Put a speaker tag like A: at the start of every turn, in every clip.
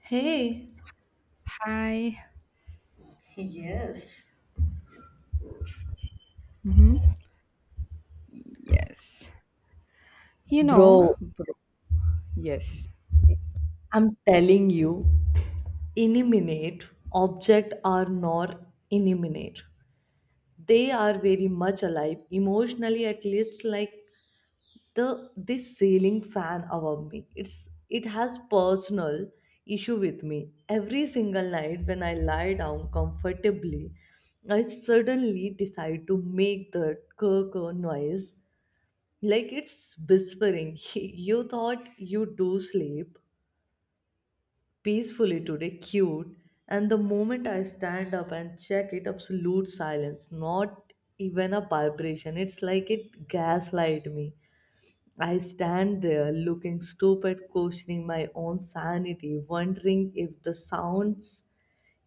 A: Hey.
B: Hi.
A: Yes.
B: hmm Yes. You know,
A: Bro,
B: bro, yes,
A: I'm telling you, inanimate objects are not inanimate. They are very much alive, emotionally at least. Like the this ceiling fan above me. It has personal issue with me. Every single night when I lie down comfortably, I suddenly decide to make the kurr kurr noise. Like it's whispering, you thought you do sleep peacefully today, cute. And the moment I stand up and check it, absolute silence, not even a vibration. It's like it gaslight me. I stand there looking stupid, questioning my own sanity, wondering if the sounds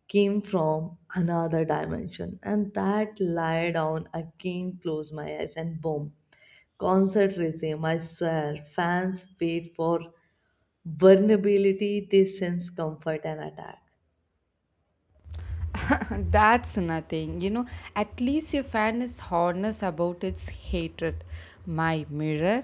A: came from another dimension. And that lie down again, close my eyes, and boom. Concert regime, I swear, fans wait for vulnerability, they sense comfort and attack.
B: that's nothing. You know, at least your fan is honest about its hatred. My mirror,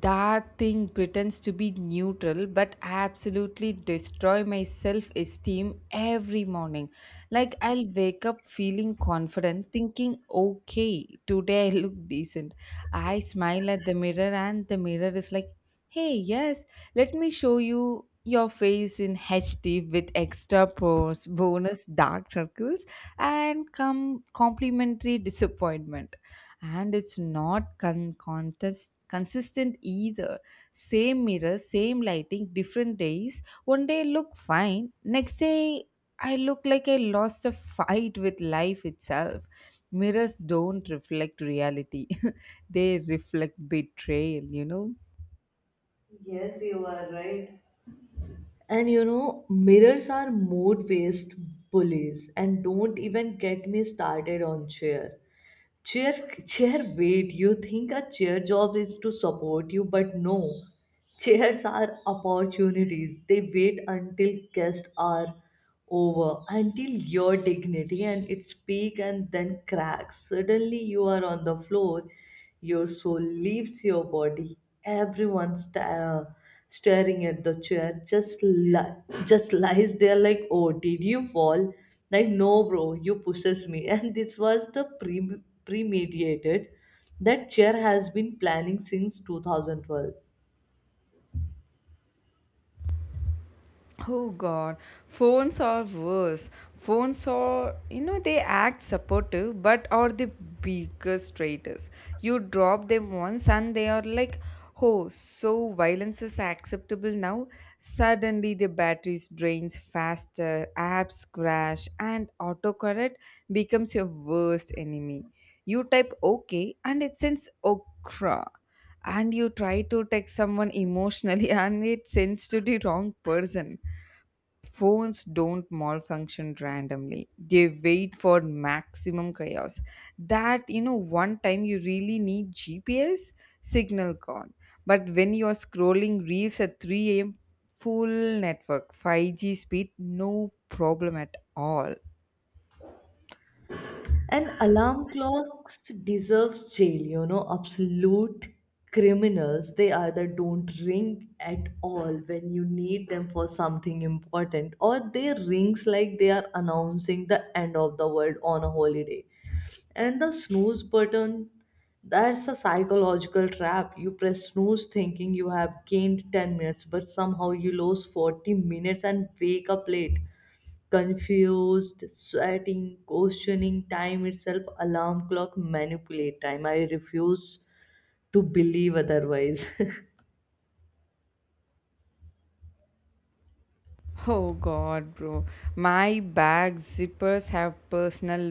B: that thing pretends to be neutral but absolutely destroy my self esteem every morning. Like, I'll wake up feeling confident, thinking, okay, today I look decent. I smile at the mirror, and the mirror is like, hey, yes, let me show you your face in HD with extra pros, bonus dark circles, and come complimentary disappointment. And it's not con- contest consistent either. Same mirror, same lighting, different days. One day I look fine, next day I look like I lost a fight with life itself. Mirrors don't reflect reality, they reflect betrayal, you know?
A: Yes, you are right. And you know, mirrors are mood based bullies, and don't even get me started on cheer. Chair, chair, wait, you think a chair job is to support you, but no. Chairs are opportunities. They wait until guests are over, until your dignity and its peak and then cracks. Suddenly you are on the floor, your soul leaves your body. Everyone sta- uh, staring at the chair just just lies there like, "Oh, did you fall?" Like, no, bro, you pushes me. And this was premeditated. That chair has been planning since 2012.
B: Oh god, phones are worse. Phones are, they act supportive but are the biggest traitors. You drop them once and they are like, oh, so violence is acceptable now. Suddenly the batteries drains faster, apps crash, and autocorrect becomes your worst enemy. You type okay and it sends okra, and you try to text someone emotionally and it sends to the wrong person. Phones don't malfunction randomly. They wait for maximum chaos. One time you really need GPS, signal gone. But when you're scrolling reels at 3 a.m., full network, 5G speed, no problem at all.
A: And alarm clocks deserves jail, you know, absolute criminals. They either don't ring at all when you need them for something important, or they rings like they are announcing the end of the world on a holiday. And the snooze button, that's a psychological trap. You press snooze thinking you have gained 10 minutes, but somehow you lose 40 minutes and wake up late, confused, sweating, questioning time itself. Alarm clock manipulate time. I refuse to believe otherwise.
B: Oh god, bro. My bag zippers have personal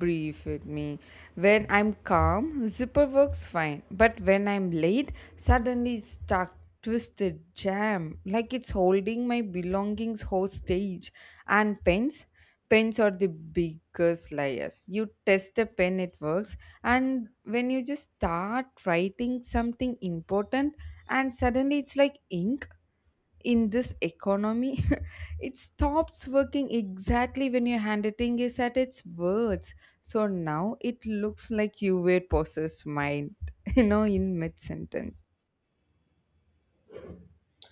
B: brief with me. When I'm calm, zipper works fine. But when I'm late, suddenly it's stuck, twisted, jam. Like it's holding my belongings hostage. And pens? Pens are the biggest liars. You test a pen, it works. And when you just start writing something important, and suddenly it's like ink in this economy, it stops working exactly when your handwriting is at its worst, so now it looks like you were possessed mind, in mid sentence.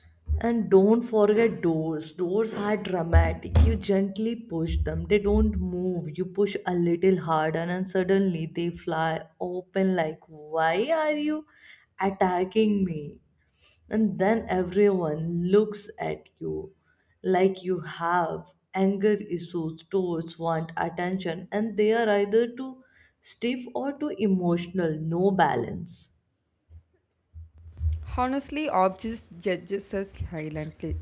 A: And don't forget doors. Doors are dramatic. You gently push them, they don't move. You push a little harder, and suddenly they fly open like, why are you attacking me? And then everyone looks at you like you have anger issues towards want attention, and they are either too stiff or too emotional, no balance.
B: Honestly, objects judges us silently.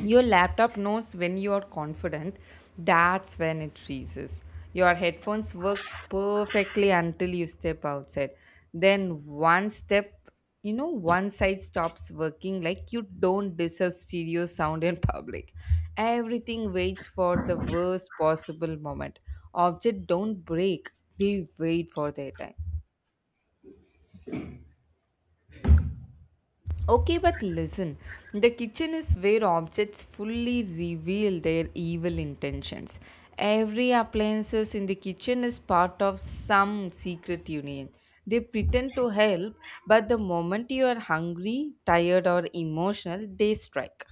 B: Your laptop knows when you are confident, that's when it freezes. Your headphones work perfectly until you step outside. Then one step, one side stops working like you don't deserve stereo sound in public. Everything waits for the worst possible moment. Objects don't break, they wait for their time. Okay, but listen, the kitchen is where objects fully reveal their evil intentions. Every appliances in the kitchen is part of some secret union. They pretend to help, but the moment you are hungry, tired, or emotional, they strike.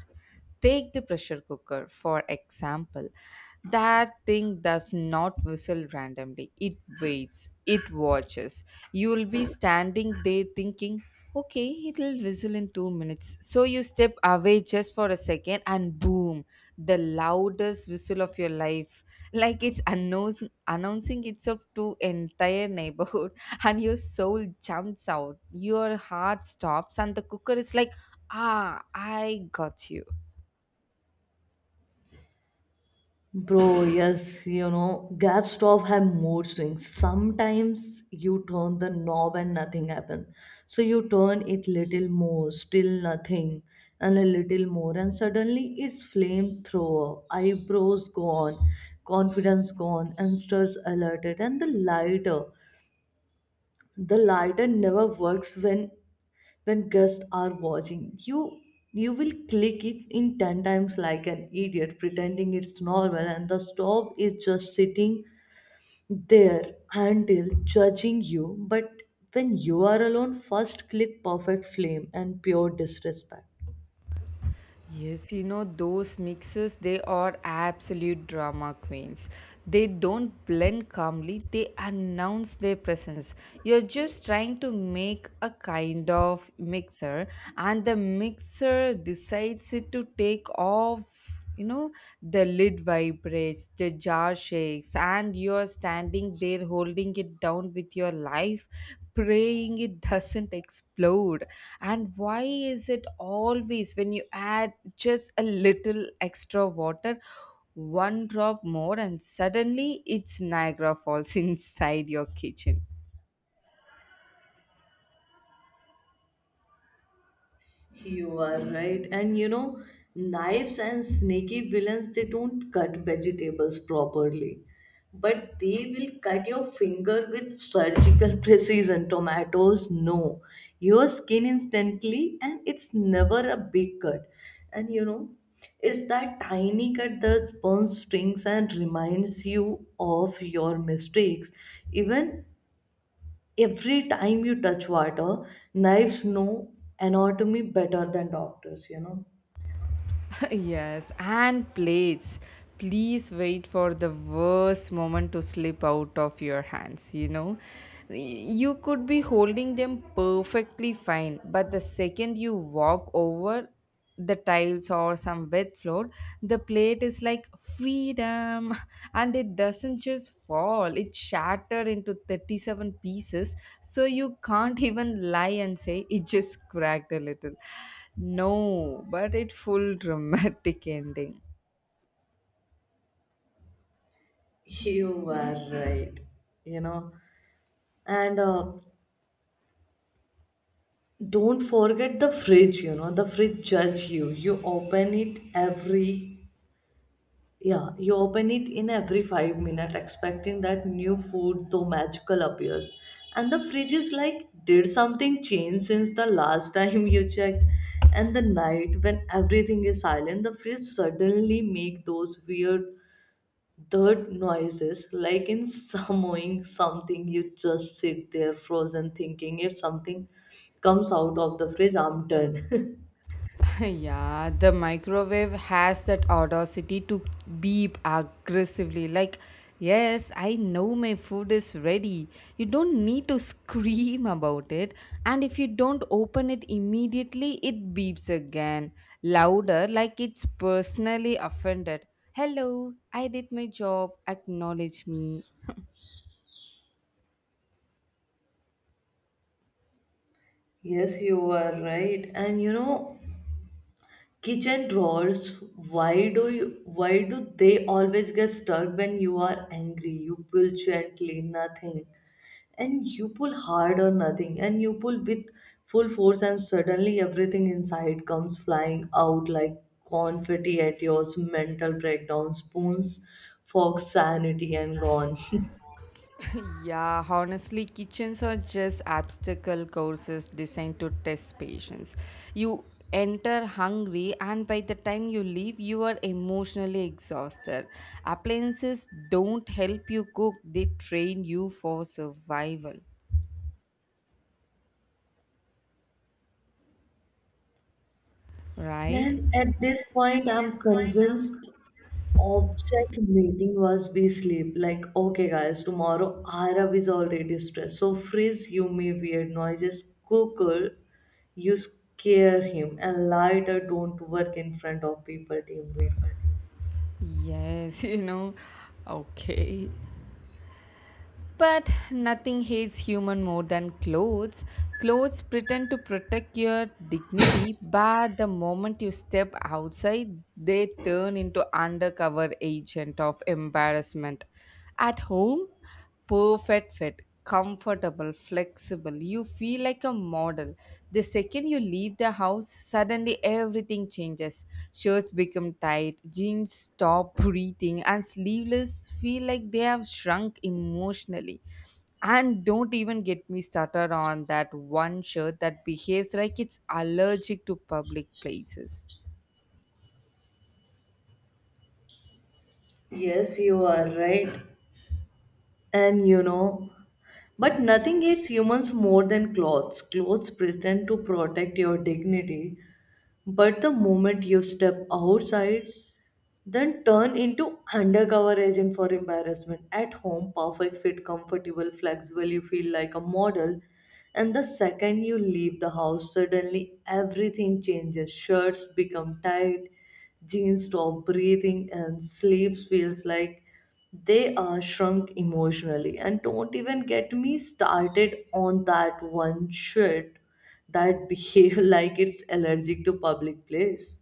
B: Take the pressure cooker, for example. That thing does not whistle randomly. It waits, it watches. You will be standing there thinking, okay, it'll whistle in 2 minutes. So you step away just for a second, and boom, the loudest whistle of your life. Like it's announcing itself to entire neighborhood, and your soul jumps out. Your heart stops, and the cooker is like, ah, I got you.
A: Bro, yes, you know, gas stove have mood swings. Sometimes you turn the knob and nothing happens. So you turn it little more, still nothing, and a little more, and suddenly it's flamethrower, eyebrows gone, confidence gone, and stirs alerted. And the lighter never works when guests are watching you. You will click it in 10 times like an idiot pretending it's normal, and the stove is just sitting there until judging you. But when you are alone, first click, perfect flame and pure disrespect.
B: Yes, you know, those mixes, they are absolute drama queens. They don't blend calmly, they announce their presence. You're just trying to make a kind of mixer, and the mixer decides it to take off, you know, the lid vibrates, the jar shakes, and you're standing there holding it down with your life, praying it doesn't explode. And why is it always when you add just a little extra water? One drop more and suddenly it's Niagara Falls inside your kitchen.
A: You are right. And you know, knives and sneaky villains, they don't cut vegetables properly, but they will cut your finger with surgical precision. Tomatoes, no. Your skin instantly, and it's never a big cut. And you know, it's that tiny cut that burns strings and reminds you of your mistakes. Even every time you touch water, knives know anatomy better than doctors, you know.
B: Yes, and plates. Please wait for the worst moment to slip out of your hands, You could be holding them perfectly fine, but the second you walk over the tiles or some wet floor, the plate is like freedom, and it doesn't just fall, it shattered into 37 pieces, so you can't even lie and say it just cracked a little. No, but it full dramatic ending.
A: You are right. you know and Don't forget the fridge, you know, the fridge judge you, you open it every. Yeah, you open it in every 5 minutes, expecting that new food, though magical, appears. And the fridge is like, did something change since the last time you checked? And the night, when everything is silent, the fridge suddenly make those weird dirt noises, like in summoning something. You just sit there frozen, thinking if something comes out of the fridge, I'm done.
B: Yeah, the microwave has that audacity to beep aggressively like, yes, I know my food is ready. You don't need to scream about it. And if you don't open it immediately, it beeps again, louder, like it's personally offended. Hello, I did my job. Acknowledge me.
A: Yes, you are right. And you know, kitchen drawers, why do they always get stuck when you are angry? You pull gently, nothing, and you pull hard, or nothing, and you pull with full force, and suddenly everything inside comes flying out like confetti at your mental breakdown, spoons, forks, sanity, and gone.
B: Yeah, honestly, kitchens are just obstacle courses designed to test patience. You enter hungry, and by the time you leave, you are emotionally exhausted. Appliances don't help you cook, they train you for survival, right?
A: And at this point, I'm convinced object meeting was be sleep. Like, okay, guys, tomorrow Arab is already stressed. So freeze you may weird noises, cooker, you scare him, and lighter don't work in front of people, teamwork.
B: Yes, you know. Okay, but nothing hates human more than clothes. Clothes pretend to protect your dignity, but the moment you step outside, they turn into undercover agent of embarrassment. At home, perfect fit comfortable, flexible. You feel like a model. The second you leave the house, suddenly everything changes. Shirts become tight, jeans stop breathing, and sleeveless feel like they have shrunk emotionally. And don't even get me started on that one shirt that behaves like it's allergic to public places.
A: Yes, you are right. And you know, but nothing hates humans more than clothes. Clothes pretend to protect your dignity, but the moment you step outside, then turn into undercover agent for embarrassment. At home, perfect fit, comfortable, flexible, you feel like a model. And the second you leave the house, suddenly everything changes. Shirts become tight, jeans stop breathing, and sleeves feels like they are shrunk emotionally. And don't even get me started on that one shirt that behave like it's allergic to public place.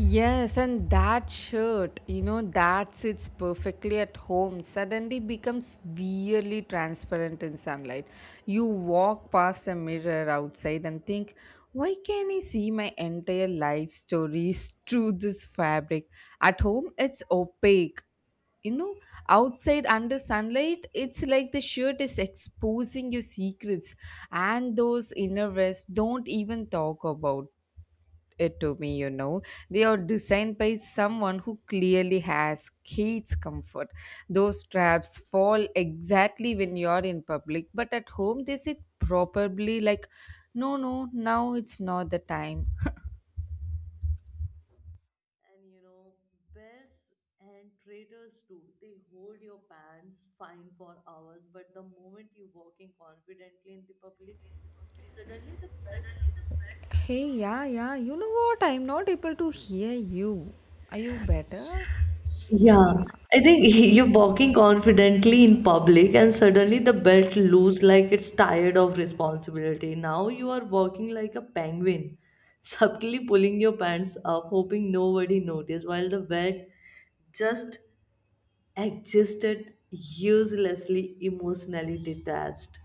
B: Yes, and that shirt, you know, that sits perfectly at home, suddenly becomes weirdly transparent in sunlight. You walk past a mirror outside and think, why can't I see my entire life stories through this fabric? At home, it's opaque. You know, outside under sunlight, it's like the shirt is exposing your secrets, and those inner vests don't even talk about it to me, they are designed by someone who clearly has kids comfort. Those straps fall exactly when you're in public, but at home they sit probably like, no, no, now it's not the time.
A: And you know, bears and traders too, they hold your pants fine for hours, but the moment you are walking confidently in the public, suddenly the pet looks.
B: Hey, yeah, yeah. You know what? I'm not able to hear you. Are you better? Yeah.
A: Yeah, I think you're walking confidently in public, and suddenly the belt loose like it's tired of responsibility. Now you are walking like a penguin, subtly pulling your pants up, hoping nobody notice, while the vet just existed uselessly, emotionally detached.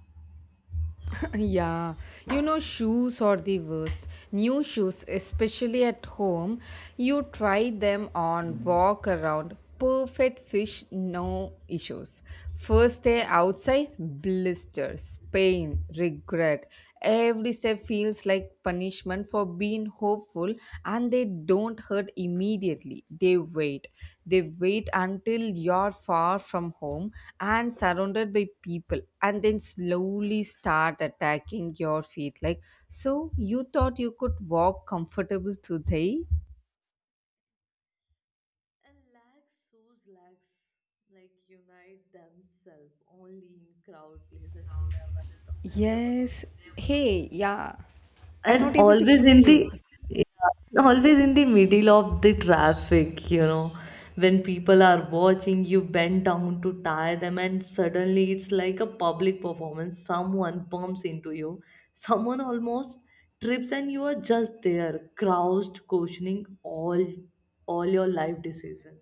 B: Yeah, you know, shoes are the worst. New shoes, especially at home, you try them on, walk around, perfect fish, no issues. First day outside, blisters, pain, regret. Every step feels like punishment for being hopeful, and they don't hurt immediately. They wait. They wait until you're far from home and surrounded by people, and then slowly start attacking your feet. Like, so you thought you could walk comfortable today?
A: And lacks like unite themselves only in crowd places, never at all, never on
B: Yes.
A: happy roads.
B: Hey, yeah. I'm not
A: And
B: able to
A: always
B: hear
A: in
B: you.
A: the, yeah, always in the middle of the traffic, you know, when people are watching, you bend down to tie them, and suddenly it's like a public performance. Someone bumps into you, someone almost trips, and you are just there, crouched, questioning all your life decisions.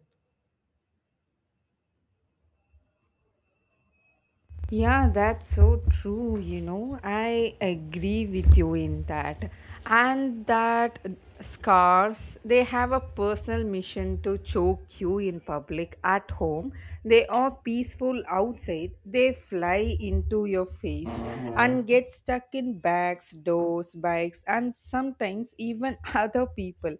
B: Yeah, that's so true. You know, I agree with you in that. And that scars, they have a personal mission to choke you in public at home. They are peaceful outside. They fly into your face and get stuck in bags, doors, bikes, and sometimes even other people.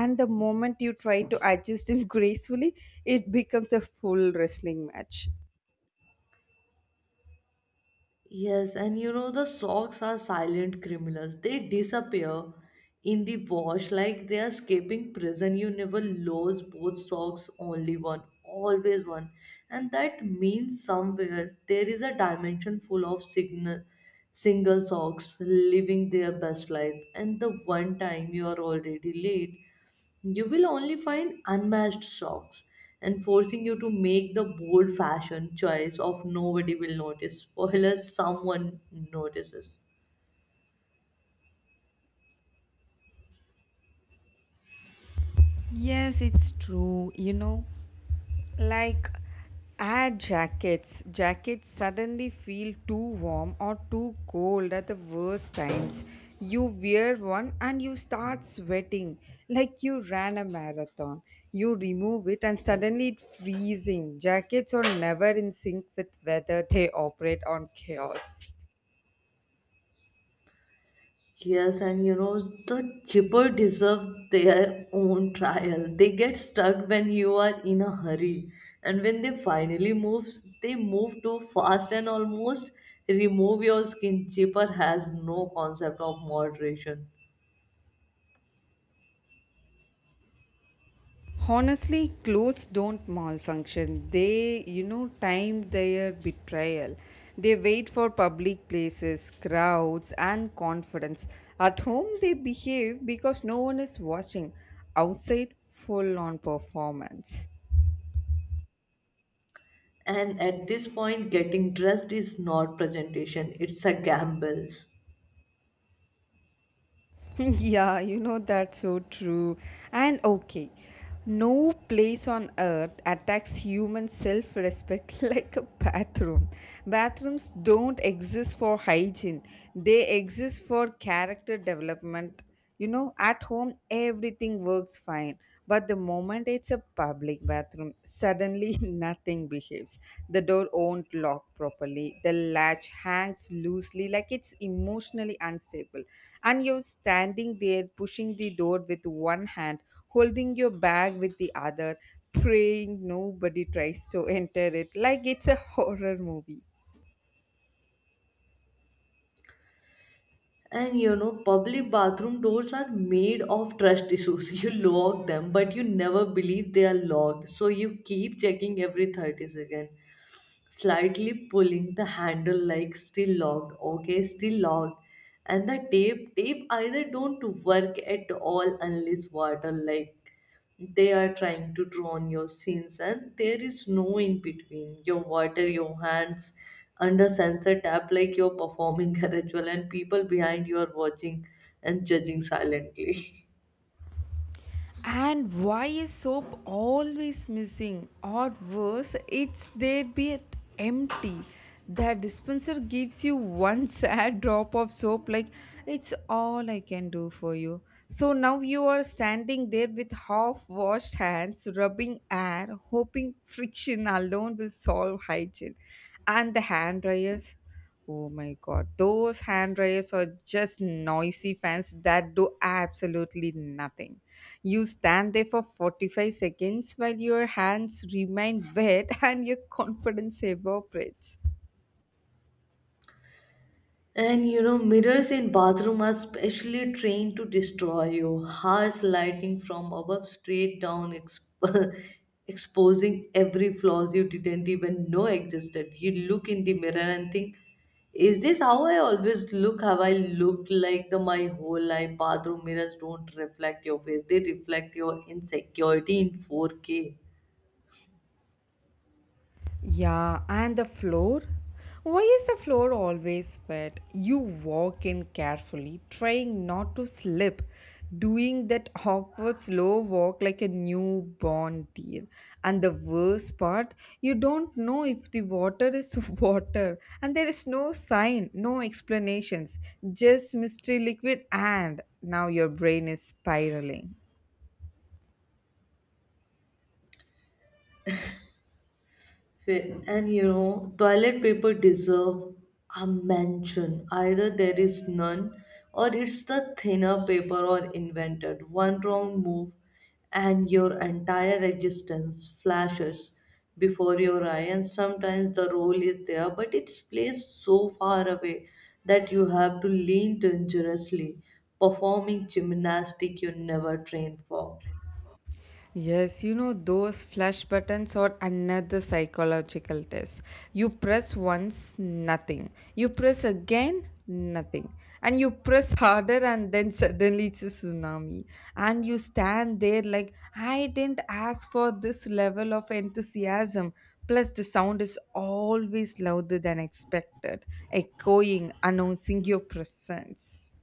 B: And the moment you try to adjust it gracefully, it becomes a full wrestling match.
A: Yes, and you know, the socks are silent criminals. They disappear in the wash like they are escaping prison. You never lose both socks, only one, always one. And that means somewhere there is a dimension full of signal, single socks living their best life. And the one time you are already late, you will only find unmatched socks and forcing you to make the bold fashion choice of nobody will notice or unless someone notices.
B: Yes, it's true. You know, like add jackets. Jackets suddenly feel too warm or too cold at the worst times. You wear one and you start sweating like you ran a marathon. You remove it and suddenly it's freezing. Jackets are never in sync with weather, they operate on chaos.
A: Yes, and you know, the cheaper deserve their own trial. They get stuck when you are in a hurry, and when they finally move, they move too fast and almost remove your skin. Chipper has no concept of moderation.
B: Honestly, clothes don't malfunction. They, you know, time their betrayal. They wait for public places, crowds, and confidence. At home, they behave because no one is watching. Outside, full on performance.
A: And at this point, getting dressed is not presentation, it's a gamble.
B: Yeah, you know that's so true. And okay, no place on earth attacks human self respect like a bathroom. Bathrooms don't exist for hygiene, they exist for character development. You know, at home everything works fine, but the moment it's a public bathroom, suddenly nothing behaves. The door won't lock properly, the latch hangs loosely like it's emotionally unstable, and you're standing there pushing the door with one hand, holding your bag with the other, praying nobody tries to enter it like it's a horror movie.
A: And you know, public bathroom doors are made of trust issues. You lock them, but you never believe they are locked. So you keep checking every 30 seconds, slightly pulling the handle like, still locked, okay, still locked. And the tape either don't work at all unless water, like they are trying to draw on your sins, and there is no in between. Your water your hands under sensor tap like you're performing a ritual, and people behind you are watching and judging silently.
B: And why is soap always missing? Or worse, it's there be empty. The dispenser gives you one sad drop of soap, like it's all I can do for you. So now you are standing there with half washed hands, rubbing air, hoping friction alone will solve hygiene. And the hand dryers. Oh my god, those hand dryers are just noisy fans that do absolutely nothing. You stand there for 45 seconds while your hands remain wet and your confidence evaporates.
A: And you know, mirrors in bathroom are specially trained to destroy you. Harsh lighting from above straight down, exposing every flaws you didn't even know existed. You look in the mirror and think, is this how I always look? Have I looked like the my whole life? Bathroom mirrors don't reflect your face; they reflect your insecurity in 4K.
B: Yeah, and the floor? Why is the floor always wet? You walk in carefully, trying not to slip, doing that awkward slow walk like a newborn deer. And the worst part, you don't know if the water is water, and there is no sign, no explanations, just mystery liquid, and now your brain is spiraling.
A: And you know, toilet paper deserve a mention. Either there is none, or it's the thinner paper or invented. One wrong move, and your entire existence flashes before your eye. And sometimes the roll is there, but it's placed so far away that you have to lean dangerously, performing gymnastic you never trained for.
B: Yes, you know, those flash buttons are another psychological test. You press once, nothing. You press again, nothing. And you press harder, and then suddenly it's a tsunami. And you stand there like, I didn't ask for this level of enthusiasm. Plus, the sound is always louder than expected, echoing, announcing your presence.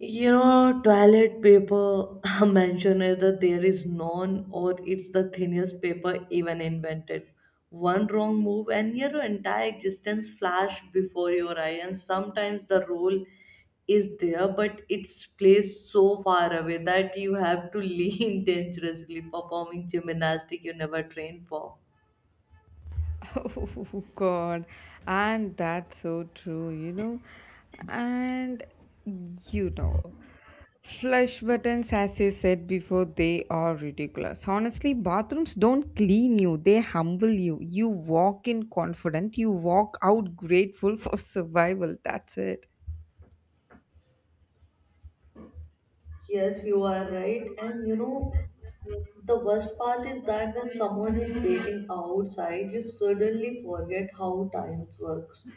A: You know, toilet paper mentioned, either there is none or it's the thinnest paper even invented. One wrong move and your entire existence flash before your eye. And sometimes the roll is there, but it's placed so far away that you have to lean dangerously, performing gymnastic you never trained for.
B: Oh god, and that's so true, you know. And you know, flush buttons, as you said before, they are ridiculous. Honestly, bathrooms don't clean you, they humble you. You walk in confident, you walk out grateful for survival. That's it.
A: Yes, you are right. And you know, the worst part is that when someone is waiting outside, you suddenly forget how time works.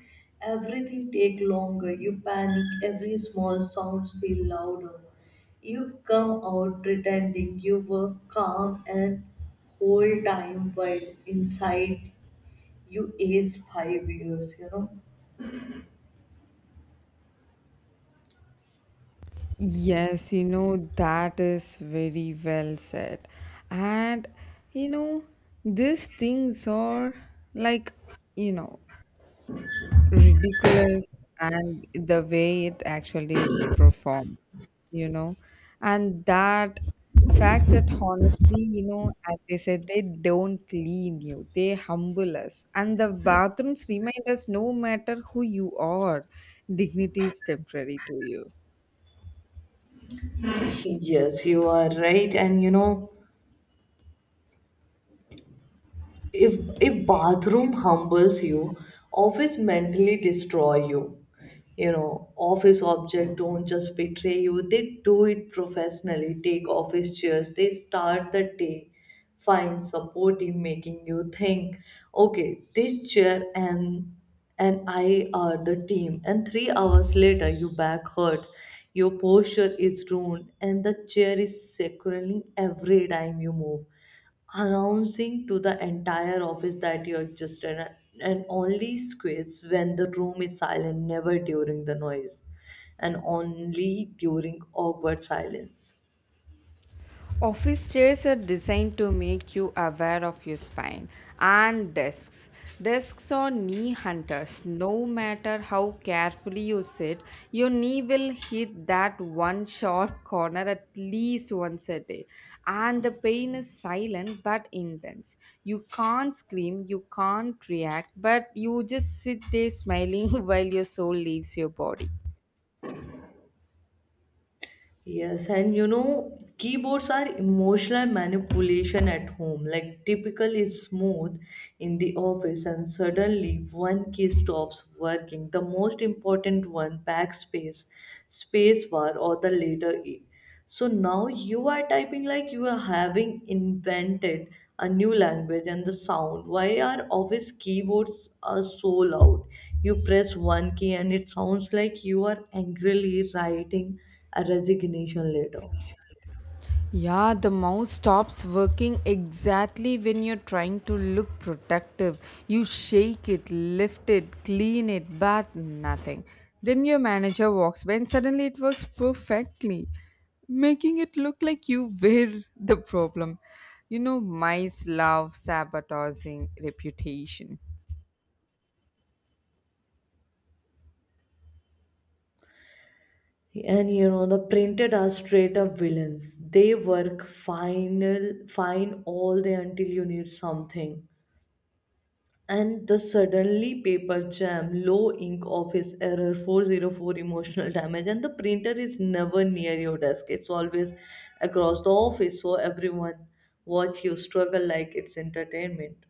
A: Everything take longer. You panic. Every small sounds feel louder. You come out pretending you were calm and whole time while inside you aged 5 years. You know.
B: Yes, you know, that is very well said. And you know, these things are like, you know, ridiculous and the way it actually performs, you know. And that facts that honestly, you know, as I said, they don't clean you, they humble us. And the bathrooms remind us no matter who you are, dignity is temporary to you.
A: Yes, you are right. And you know, if bathroom humbles you, office mentally destroy you. You know, office object don't just betray you, they do it professionally. Take office chairs, they start the day find supportive, making you think, okay, this chair and I are the team. And 3 hours later your back hurts, your posture is ruined, and the chair is sacraling every time you move, announcing to the entire office that you existed, and only squeeze when the room is silent, never during the noise, and only during awkward silence.
B: Office chairs are designed to make you aware of your spine and desks. Desks are knee hunters. No matter how carefully you sit, your knee will hit that one sharp corner at least once a day. And the pain is silent but intense. You can't scream, you can't react, but you just sit there smiling while your soul leaves your body.
A: Yes, and you know, keyboards are emotional manipulation at home. Like, typical is smooth in the office, and suddenly one key stops working. The most important one, backspace, spacebar, or the letter E. So now you are typing like you are having invented a new language. And the sound. Why are office keyboards are so loud? You press one key and it sounds like you are angrily writing a resignation letter.
B: Yeah, the mouse stops working exactly when you're trying to look protective. You shake it, lift it, clean it, but nothing. Then your manager walks by and suddenly it works perfectly, making it look like you were the problem. You know, mice love sabotaging reputation.
A: And you know the printed are straight up villains. They work final fine all day until you need something. And the suddenly paper jam, low ink, office error 404, emotional damage, and the printer is never near your desk. It's always across the office, so everyone watch you struggle like it's entertainment.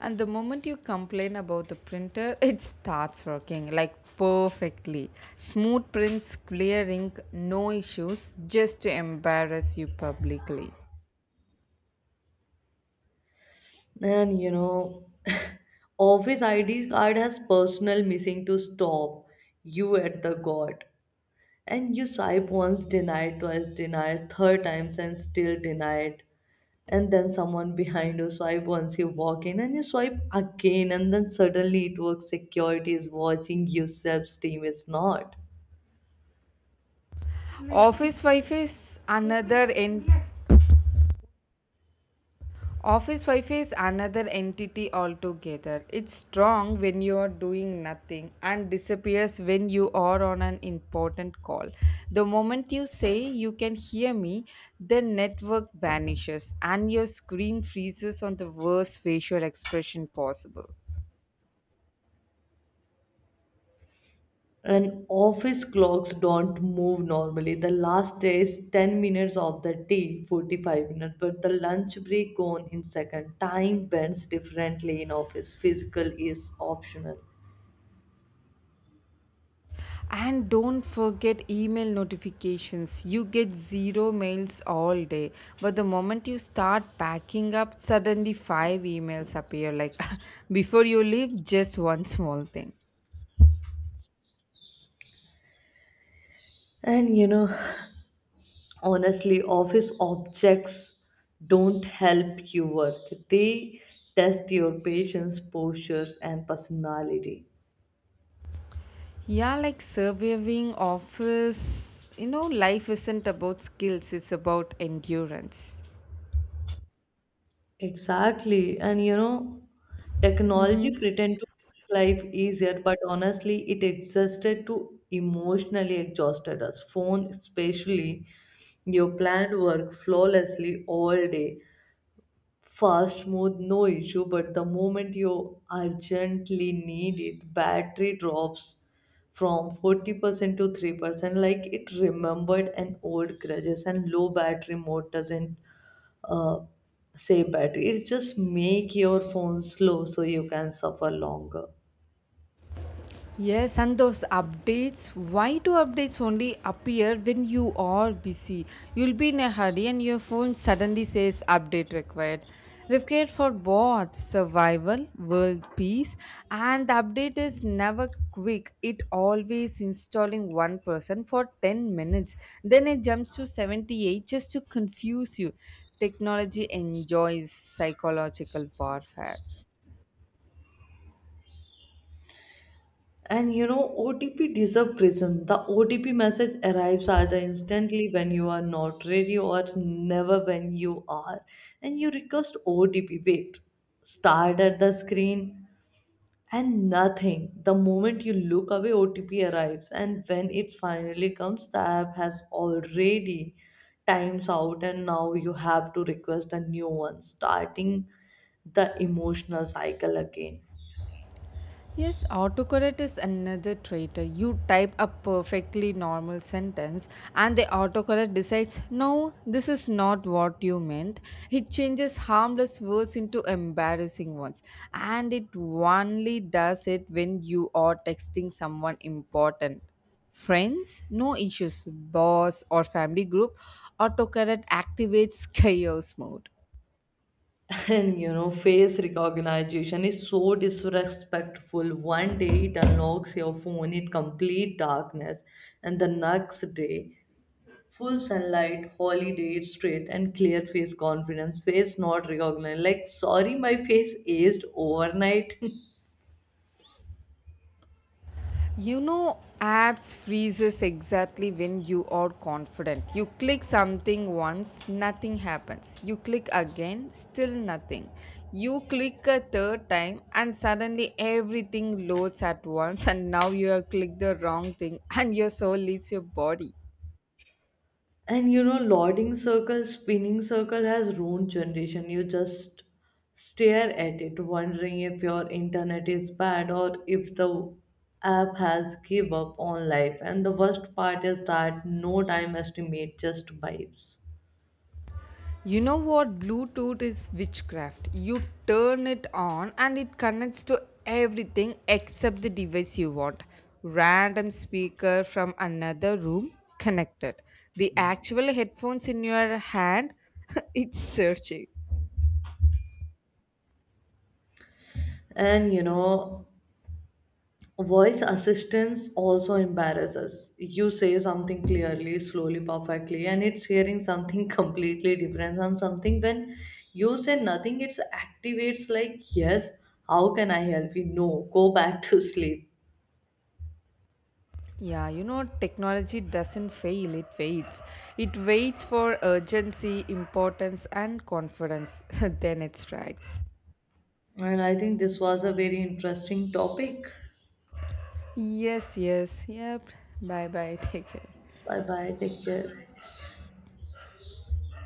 B: And the moment you complain about the printer, it starts working like perfectly. Smooth prints, clear ink, no issues, just to embarrass you publicly.
A: And you know, office ID card has personal missing to stop you at the god. And you swipe once, denied, twice, denied, third times, and still denied. And then someone behind you swipe once, you walk in, and you swipe again, and then suddenly it works. Security is watching, you self esteem is not.
B: Office Wi Fi is another en- Office Wi Fi is another entity altogether. It's strong when you are doing nothing and disappears when you are on an important call. The moment you say you can hear me, the network vanishes and your screen freezes on the worst facial expression possible.
A: And office clocks don't move normally, the last day is 10 minutes of the day, 45 minutes, but the lunch break gone in second. Time bends differently in office, physical is optional.
B: And don't forget email notifications. You get zero mails all day, but the moment you start packing up, suddenly 5 emails appear. Like, before you leave, just one small thing.
A: And you know, honestly office objects don't help you work, they test your patience, postures and personality.
B: Yeah, like surviving office, you know, life isn't about skills, it's about endurance.
A: Exactly. And you know, technology pretend to make life easier, but honestly it existed to emotionally exhausted us. Phone especially, you planned work flawlessly all day, fast, smooth, no issue. But the moment you urgently need it, battery drops from 40% to 3%. Like it remembered an old grudges. And low battery mode doesn't uh, save battery. It just make your phone slow so you can suffer longer.
B: Yes, and those updates, why do updates only appear when you are busy? You'll be in a hurry and your phone suddenly says update required. Required for what? Survival, world peace, and the update is never quick. It always installing one person for 10 minutes. Then it jumps to 78 just to confuse you. Technology enjoys psychological warfare.
A: And you know, OTP deserve prison. The OTP message arrives either instantly when you are not ready or never when you are. And you request OTP. Wait, start at the screen and nothing. The moment you look away, OTP arrives. And when it finally comes, the app has already times out, and now you have to request a new one, starting the emotional cycle again.
B: Yes, autocorrect is another traitor. You type a perfectly normal sentence and the autocorrect decides, no, this is not what you meant. It changes harmless words into embarrassing ones. And it only does it when you are texting someone important. Friends, no issues. Boss or family group, autocorrect activates chaos mode.
A: And you know, face recognition is so disrespectful. One day it unlocks your phone in complete darkness, and the next day full sunlight holiday straight and clear face confidence face not recognized, like, sorry, my face aged overnight.
B: You know, apps freezes exactly when you are confident. You click something once, nothing happens. You click again, still nothing. You click a third time, and suddenly everything loads at once, and now you have clicked the wrong thing, and your soul leaves your body.
A: And you know, lording circle, spinning circle has ruined generation. You just stare at it, wondering if your internet is bad or if the app has give up on life. And the worst part is that no time estimate, just vibes.
B: You know what? Bluetooth is witchcraft. You turn it on and it connects to everything except the device you want. Random speaker from another room connected. The actual headphones in your hand, it's searching.
A: And you know, voice assistance also embarrass us. You say something clearly, slowly, perfectly, and it's hearing something completely different from something. When you say nothing, it's activates like, yes, how can I help you? No, go back to sleep.
B: Yeah, you know, technology doesn't fail, it waits. It waits for urgency, importance, and confidence. Then it strikes.
A: And I think this was a very interesting topic.
B: Yes, yes, yep. Bye bye, take care.
A: Bye bye, take care.